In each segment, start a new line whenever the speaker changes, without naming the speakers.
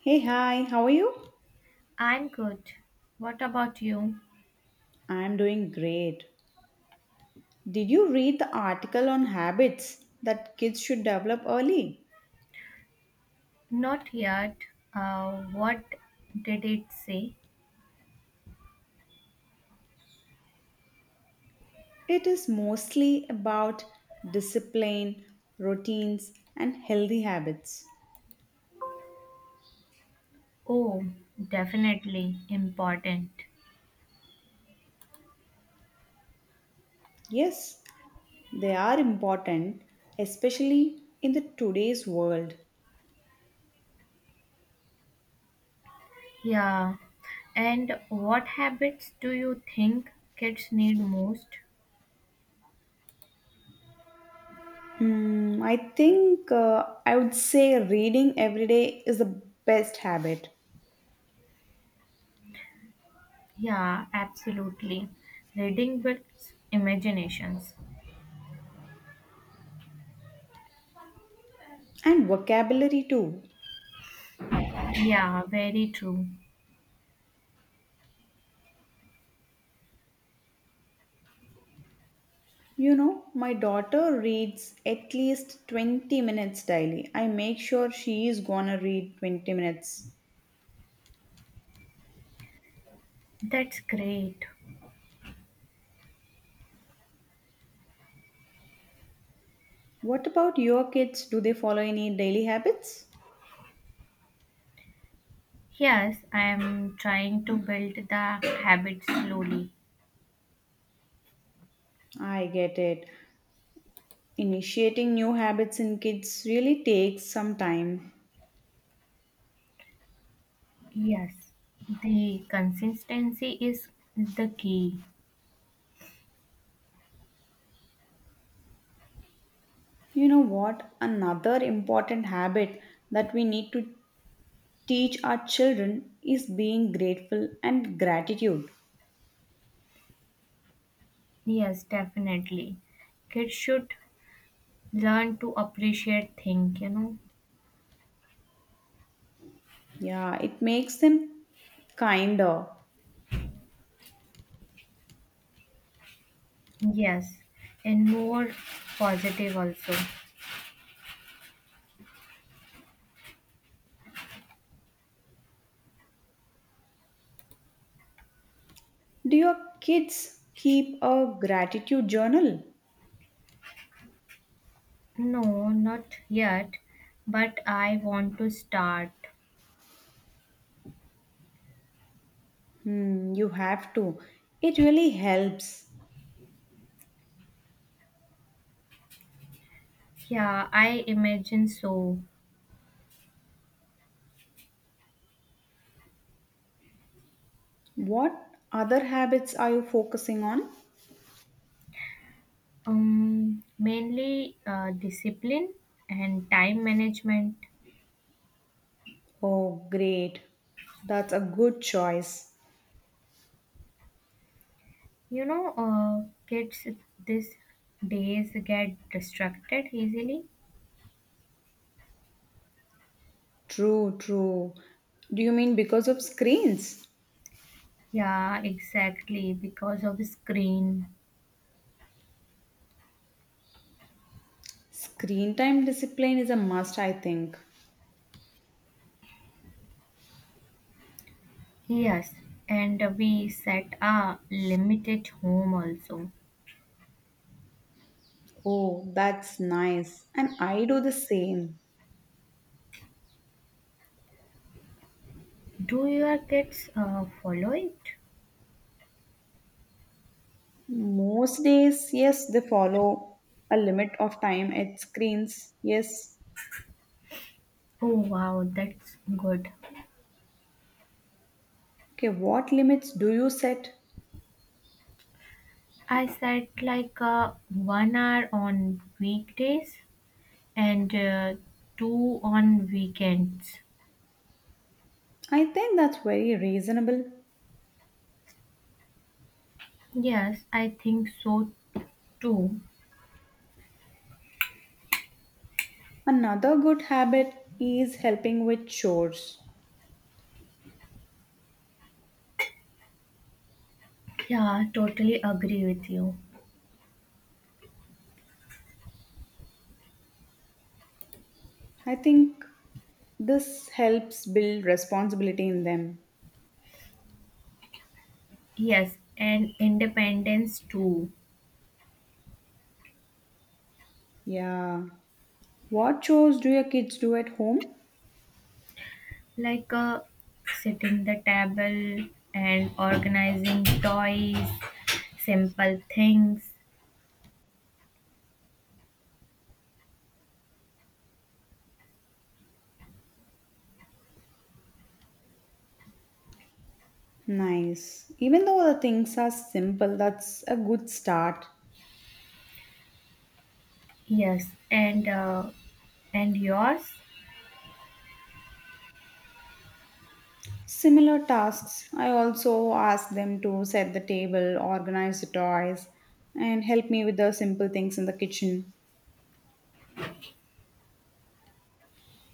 Hey, hi, how are you?
I'm good. What about you?
I'm doing great. Did you read the article on habits that kids should develop early?
Not yet. What did it say?
It is mostly about discipline, routines, and healthy habits.
Oh, definitely important.
Yes, they are important, especially in the today's world.
Yeah. And what habits do you think kids need most?
I think I would say reading every day is the best habit
Yeah, absolutely. Reading builds imaginations.
and vocabulary too.
Yeah, very true.
You know, my daughter reads at least 20 minutes daily. I make sure she is gonna read 20 minutes.
That's great.
What about your kids? Do they follow any daily habits?
Yes, I am trying to build the habit slowly.
I get it. Initiating new habits in kids really takes some time.
Yes, the consistency is the key.
You know what? Another important habit that we need to teach our children is being grateful and gratitude.
Yes, definitely. Kids should learn to appreciate things.
Yeah, it makes them kinder.
Yes, and more positive also.
Do your kids keep a gratitude journal?
No, not yet, but I want to start.
You have to. It really helps.
Yeah, I imagine so.
What other habits are you focusing on?
Mainly discipline and time management.
Oh, great. That's a good choice.
Kids these days get distracted easily.
True, true. Do you mean because of screens?
Yeah, exactly, because of screen.
Screen time discipline is a must, I think.
Yes, and we set a limit at home also.
Oh, that's nice. And I do the same.
Do your kids follow it?
Most days, yes, they follow a limit of time at screens. Yes.
Oh wow, that's good.
Okay, what limits do you set?
I set like 1 hour on weekdays and 2 on weekends.
I think that's very reasonable.
Yes, I think so too.
Another good habit is helping with chores.
Yeah, totally agree with you.
I think this helps build responsibility in them.
Yes, and independence too.
Yeah. What chores do your kids do at home?
Like setting the table and organizing toys, simple things.
Nice. Even though the things are simple, that's a good start.
Yes, and yours?
Similar tasks, I also ask them to set the table, organize the toys, and help me with the simple things in the kitchen.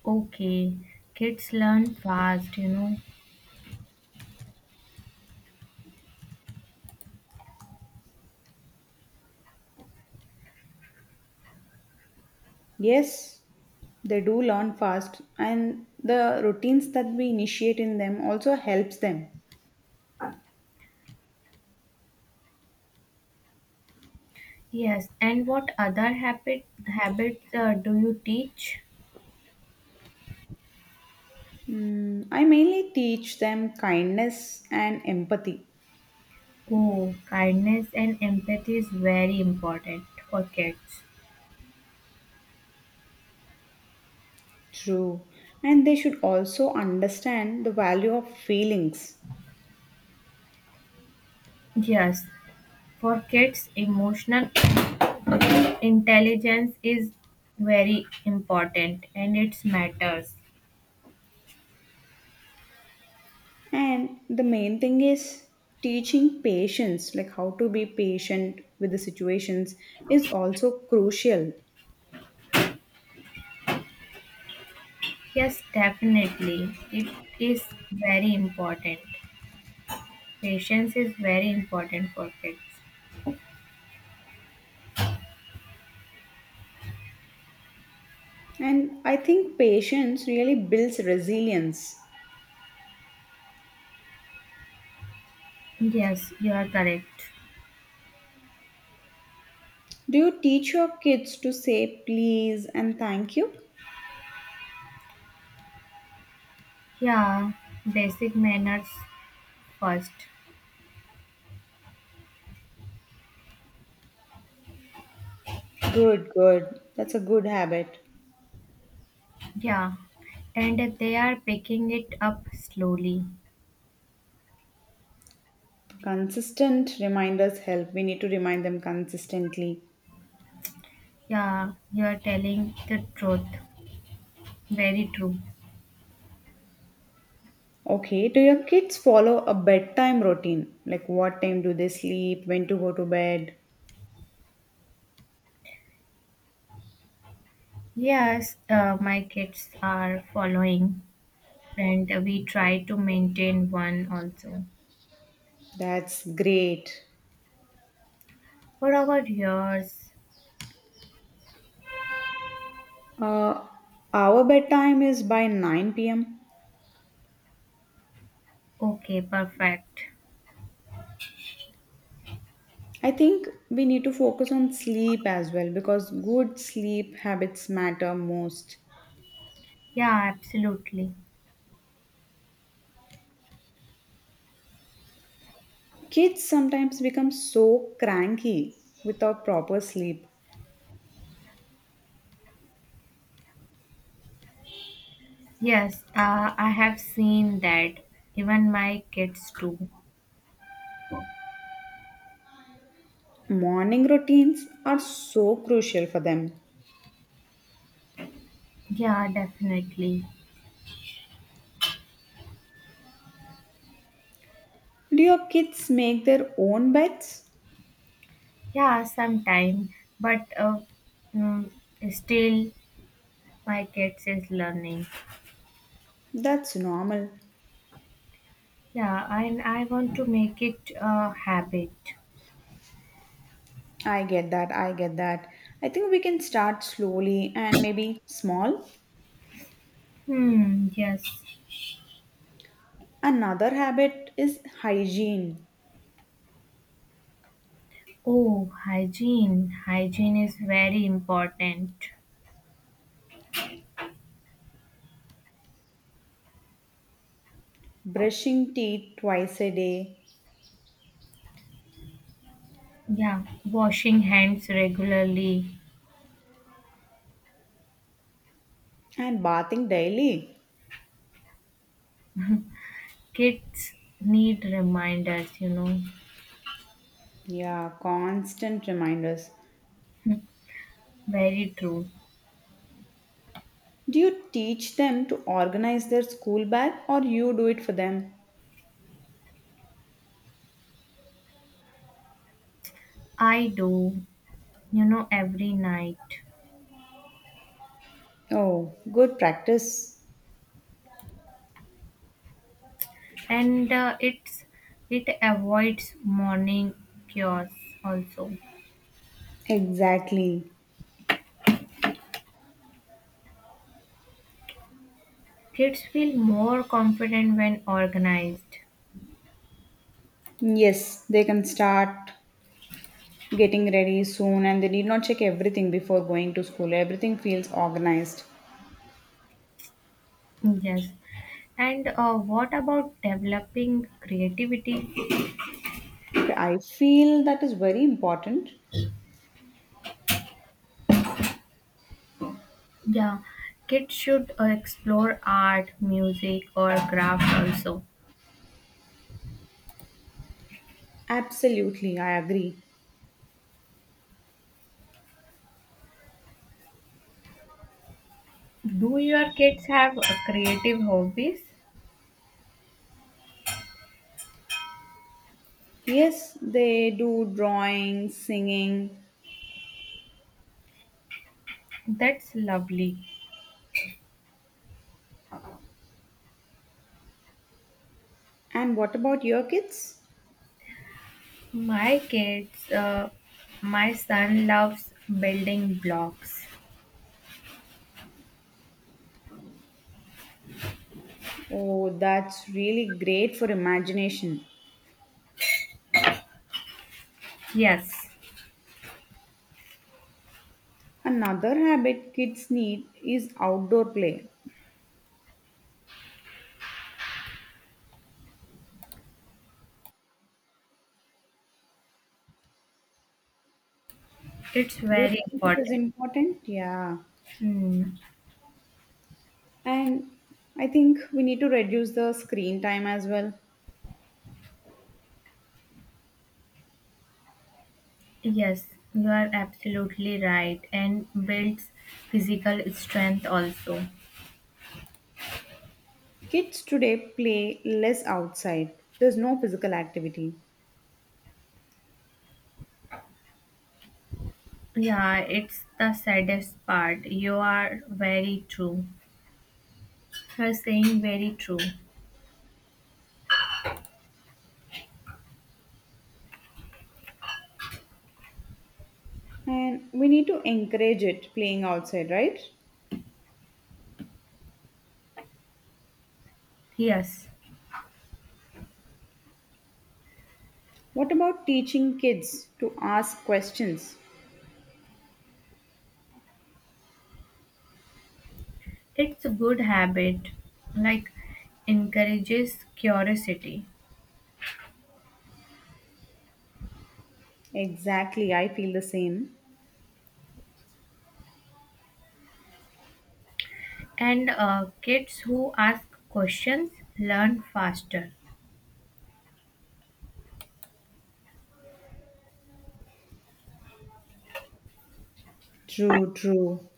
Okay, kids learn fast, you know.
Yes, they do learn fast, and the routines that we initiate in them also helps them.
Yes, and what other habits do you teach?
I mainly teach them kindness and empathy.
Oh, kindness and empathy is very important for kids.
True. And they should also understand the value of feelings.
Yes, for kids, emotional intelligence is very important and it matters.
And the main thing is teaching patience, like how to be patient with the situations, is also crucial.
Yes, definitely. It is very important. Patience is very important for kids.
And I think patience really builds resilience.
Yes, you are correct.
Do you teach your kids to say please and thank you?
Yeah, basic manners first.
Good, good. That's a good habit.
Yeah, and they are picking it up slowly.
Consistent reminders help. We need to remind them consistently.
Yeah, you are telling the truth. Very true.
Okay, do your kids follow a bedtime routine? Like what time do they sleep, when to go to bed?
Yes, my kids are following, and we try to maintain one also
That's great.
for our years.
Uh, our bedtime is by 9 pm.
Okay, perfect.
I think we need to focus on sleep as well because good sleep habits matter most.
Yeah, absolutely.
Kids sometimes become so cranky without proper sleep.
Yes, I have seen that. Even my kids too.
Morning routines are so crucial for them.
Yeah, definitely.
Do your kids make their own beds?
Yeah, sometime. But mm, still, my kids is learning.
That's normal.
Yeah, and I want to make it a habit.
I get that, I get that. I think we can start slowly and maybe small.
Hmm, yes.
Another habit is hygiene,
Oh, hygiene. Hygiene is very important.
brushing teeth twice a day
Yeah, washing hands regularly.
and bathing daily.
Kids need reminders, you know.
Yeah, constant reminders.
Very true.
Do you teach them to organize their school bag or you do it for them?
I do, you know, every night.
Oh, good practice.
And it avoids morning chaos also.
Exactly.
Kids feel more confident when organized.
Yes, they can start getting ready soon and they need not check everything before going to school. Everything feels organized.
Yes. And what about developing creativity?
Okay, I feel that is very important.
Yeah, kids should explore art, music, or craft also.
Absolutely, I agree.
Do your kids have creative hobbies?
Yes, they do drawing, singing.
That's lovely.
And what about your kids?
My kids, uh, my son loves building blocks.
Oh, that's really great for imagination.
Yes,
Another habit kids need is outdoor play.
it's
Do you
very
think it
important.
is important? Yeah.
Hmm.
And I think we need to reduce the screen time as well.
Yes, you are absolutely right, and builds physical strength also.
Kids today play less outside. There's no physical activity.
Yeah, it's the saddest part. You are very true. You are saying very true.
And we need to encourage it playing outside, right?
Yes.
What about teaching kids to ask questions?
It's a good habit, like encourages curiosity.
Exactly, I feel the same.
And kids who ask questions learn faster
True, true.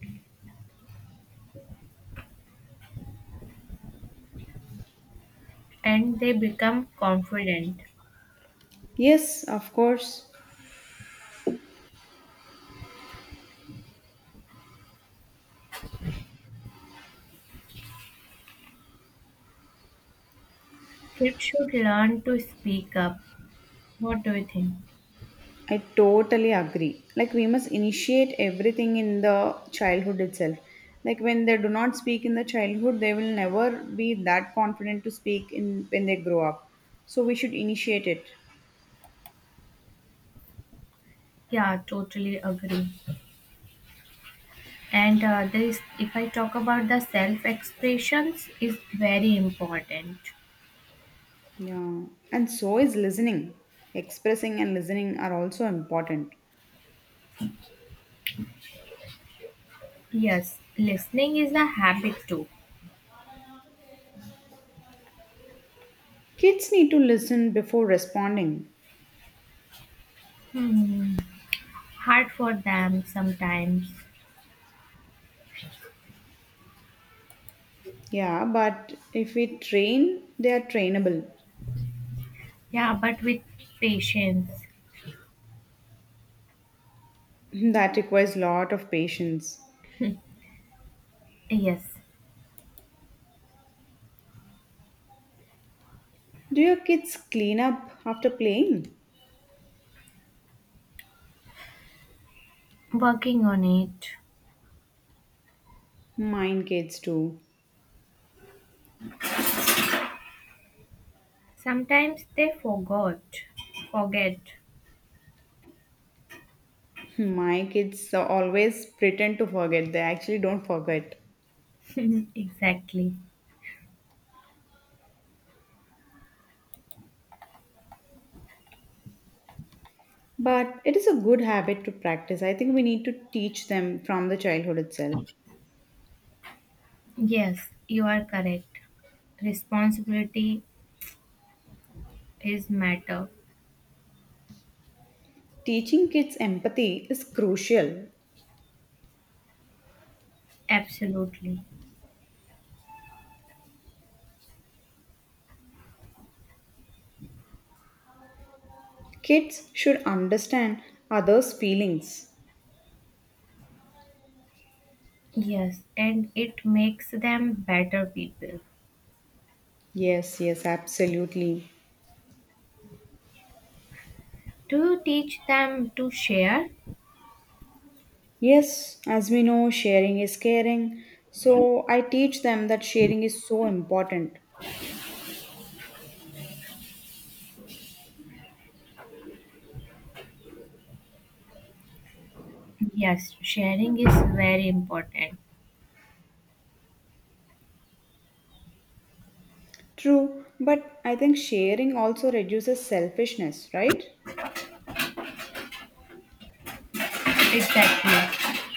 and they become confident.
Yes, of course.
Kids should learn to speak up. What do you think?
I totally agree. Like we must initiate everything in the childhood itself. Like when they do not speak in the childhood, they will never be that confident to speak in when they grow up. So we should initiate it.
Yeah, totally agree. And this, if I talk about the self expressions, is very important.
Yeah. And so is listening. Expressing and listening are also important.
Yes, listening is a habit too.
Kids need to listen before responding.
Hard for them sometimes.
Yeah, but if we train, they are trainable.
Yeah, but with patience.
That requires lot of patience.
Yes,
Do your kids clean up after playing?
working on it.
Mine kids too.
Sometimes they forgot. Forget.
My kids always pretend to forget. They actually don't forget.
Exactly.
But it is a good habit to practice. I think we need to teach them from the childhood itself.
Yes, you are correct. Responsibility is matter.
Teaching kids empathy is crucial.
Absolutely.
Kids should understand others' feelings.
Yes, and it makes them better people.
Yes, yes, absolutely.
Do you teach them to share?
Yes, as we know, sharing is caring. So I teach them that sharing is so important.
Yes, sharing is very important.
True, but I think sharing also reduces selfishness, right?
Exactly.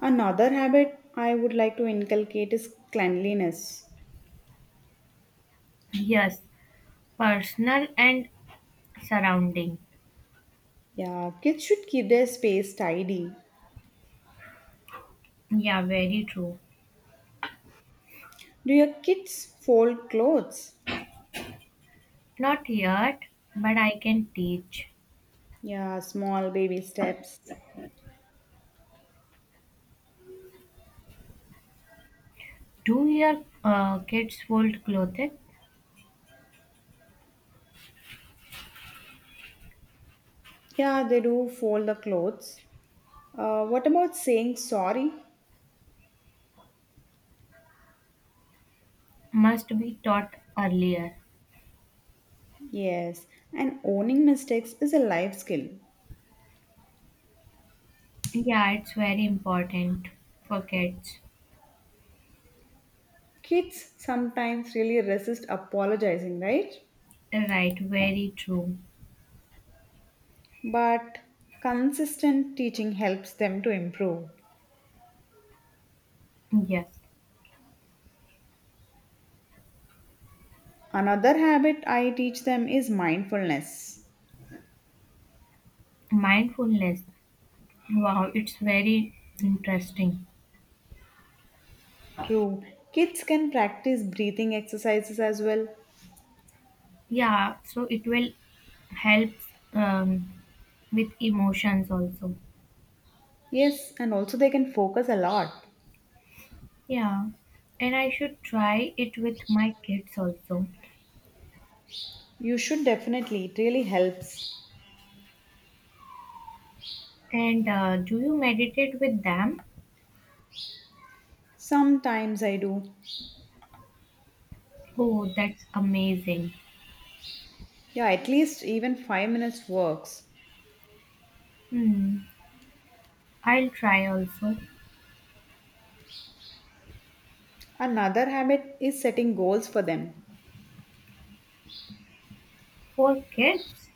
Another habit I would like to inculcate is cleanliness.
Yes, personal and surrounding.
Yeah, kids should keep their space tidy.
Yeah, very true.
Do your kids fold clothes?
Not yet, but I can teach.
Yeah, small baby steps.
Do your kids fold clothing?
Yeah, they do fold the clothes. What about saying sorry?
Must be taught earlier.
Yes, and owning mistakes is a life skill.
Yeah, it's very important for kids.
Kids sometimes really resist apologizing, right?
Right, very true.
But consistent teaching helps them to improve.
Yes,
Another habit I teach them is mindfulness.
mindfulness. Wow, it's very interesting.
True, kids can practice breathing exercises as well.
Yeah, so it will help um, with emotions also.
Yes, and also they can focus a lot.
Yeah, and I should try it with my kids also.
You should definitely, it really helps.
And do you meditate with them?
Sometimes I do.
Oh, that's amazing.
Yeah, at least even 5 minutes works.
Hmm. I'll try also.
Another habit is setting goals for them.
For kids,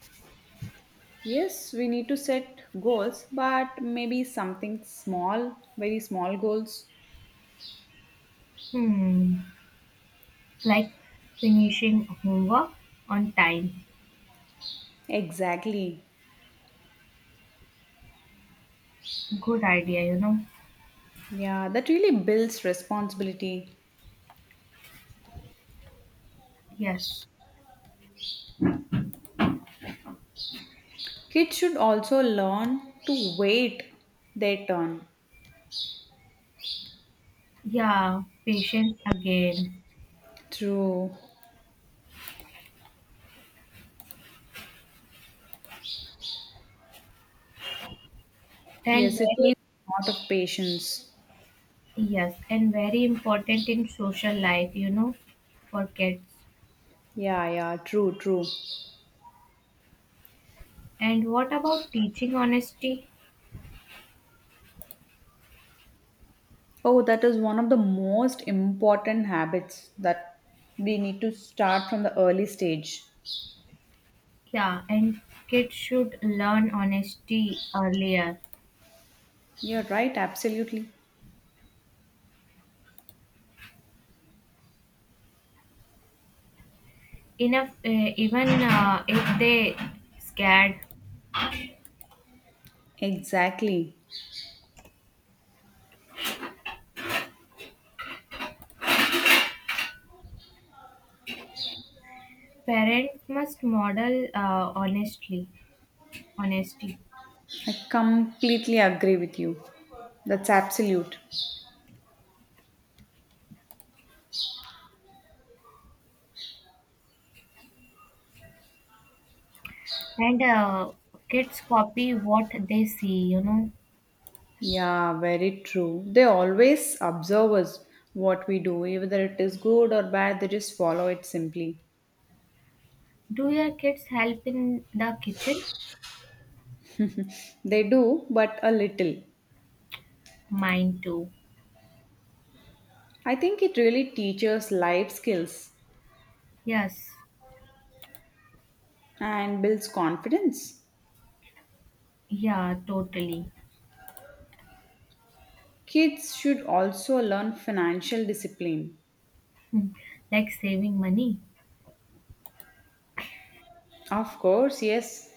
Yes, we need to set goals, but maybe something small, very small goals.
hmm, like finishing homework on time.
Exactly.
Good idea, you know.
Yeah, that really builds responsibility.
Yes.
Kids should also learn to wait their turn.
Yeah, patience again.
True.
And
Yes, it needs a lot of patience.
and very important in social life, you know, for kids.
Yeah, yeah, true, true.
And what about teaching honesty?
Oh, that is one of the most important habits that we need to start from the early stage.
Yeah, and kids should learn honesty earlier.
You're right, absolutely.
Enough, even if they scared,
Exactly.
parents must model honestly honesty
I completely agree with you. That's absolute.
and kids copy what they see, you know.
Yeah, very true. They always observe us what we do, whether it is good or bad, they just follow it simply.
Do your kids help in the kitchen?
They do, but a little.
Mine too.
I think it really teaches life skills
Yes.
and builds confidence.
Yeah, totally.
Kids should also learn financial discipline.
Hmm, like saving money.
Of course, yes.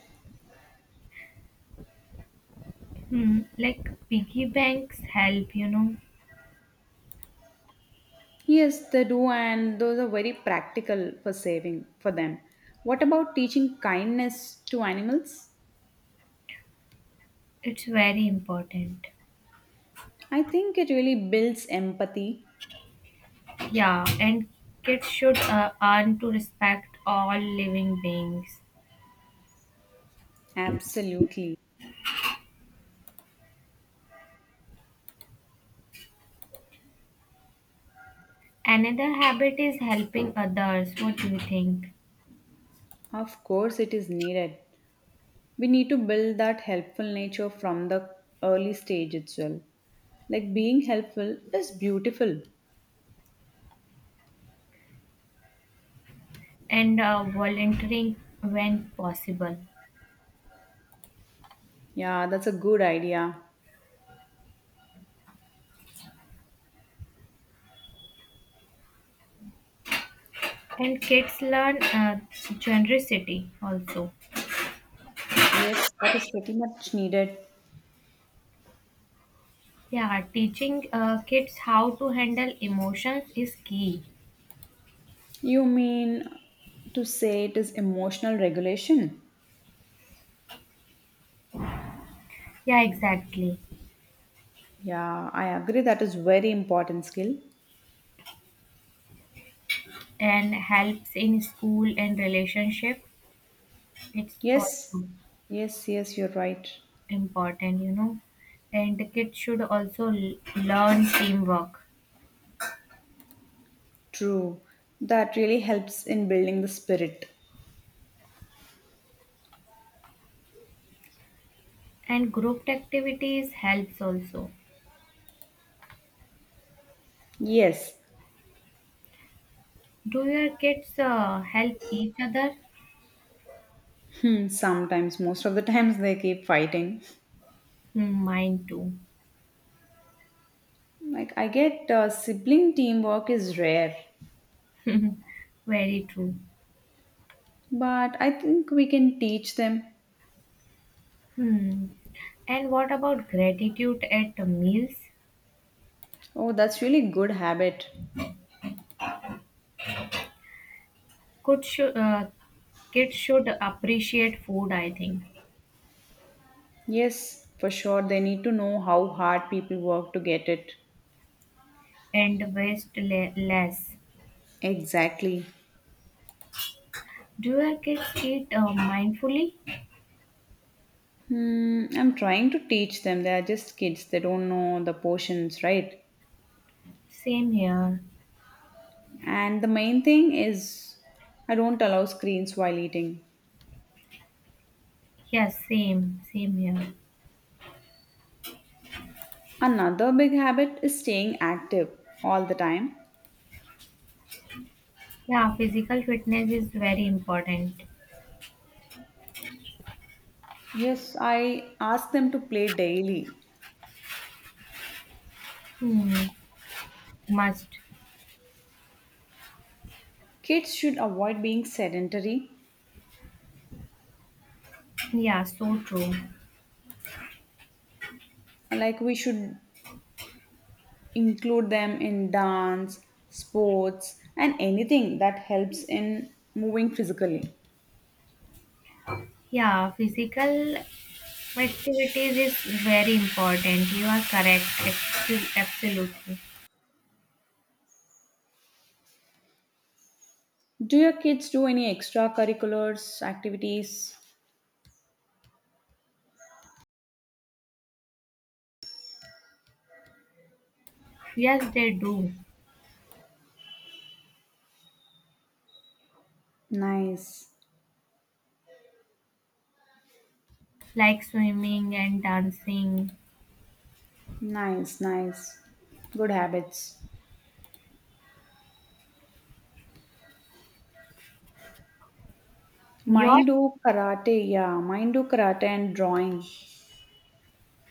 Hmm, like piggy banks help, you know.
Yes, they do, and those are very practical for saving for them. What about teaching kindness to animals?
It's very important.
I think it really builds empathy.
Yeah, and kids should earn to respect all living beings.
Absolutely.
Another habit is helping others. What do you think?
Of course, it is needed. We need to build that helpful nature from the early stage itself. Like being helpful is beautiful.
And volunteering when possible.
Yeah, that's a good idea.
And kids learn generosity also.
Yes, that is pretty much needed.
Yeah, teaching kids how to handle emotions is key.
You mean to say it is emotional regulation?
Yeah, exactly.
Yeah, I agree that is very important skill.
And helps in school and relationship. It's
Yes.
also
Yes, yes, you're right.
important, you know. And the kids should also learn teamwork
True. That really helps in building the spirit.
and group activities helps also.
Yes.
Do your kids help each other?
Sometimes most of the times they keep fighting.
Hmm, mine too.
Like I get sibling teamwork is rare,
Very true.
but I think we can teach them.
Hmm. And what about gratitude at the meals?
Oh, that's really good habit.
Could should kids should appreciate food, I think,
Yes, for sure. They need to know how hard people work to get it.
and waste less.
Exactly.
Do your kids eat mindfully?
I'm trying to teach them. They are just kids. They don't know the portions, right?
Same here.
And the main thing is I don't allow screens while eating.
Yes, same, same here.
Another big habit is staying active all the time.
Yeah, physical fitness is very important.
Yes, I ask them to play daily.
Hmm, must.
Kids should avoid being sedentary.
Yeah, so true.
Like we should include them in dance, sports, and anything that helps in moving physically.
Yeah, physical activities is very important. You are correct. Absolutely.
Do your kids do any extracurriculars, activities?
Yes, they do.
Nice,
Like swimming and dancing.
nice, nice. Good habits.
Your
Mine do karate, yeah. Mine do karate and drawing.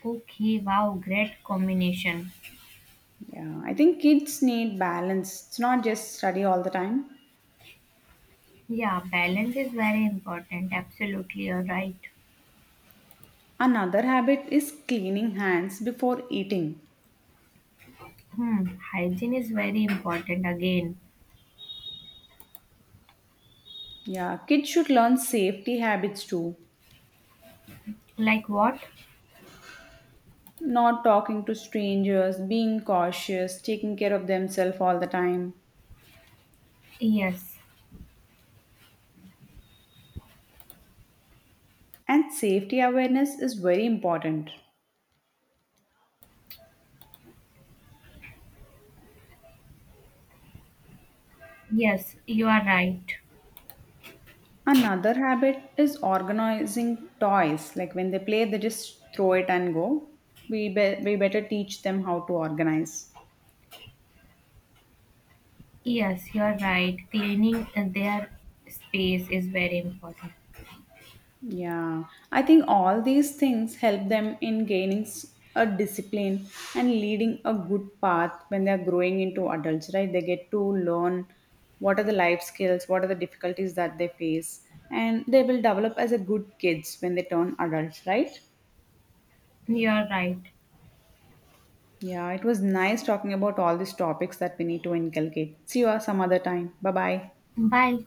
Okay, wow, great combination.
Yeah, I think kids need balance. It's not just study all the time.
Yeah, balance is very important. Absolutely, you're right.
Another habit is cleaning hands before eating.
Hmm, hygiene is very important again.
Yeah, kids should learn safety habits too.
Like what?
Not talking to strangers, being cautious, taking care of themselves all the time.
Yes.
And safety awareness is very important.
Yes, you are right.
Another habit is organizing toys. Like when they play, they just throw it and go. We, we better teach them how to organize.
Yes, you are right. Cleaning their space is very important.
Yeah, I think all these things help them in gaining a discipline and leading a good path when they are growing into adults, right? They get to learn what are the life skills, what are the difficulties that they face, and they will develop as a good kids when they turn adults, right?
You are right.
Yeah, it was nice talking about all these topics that we need to inculcate. See you some other time. Bye bye.
Bye.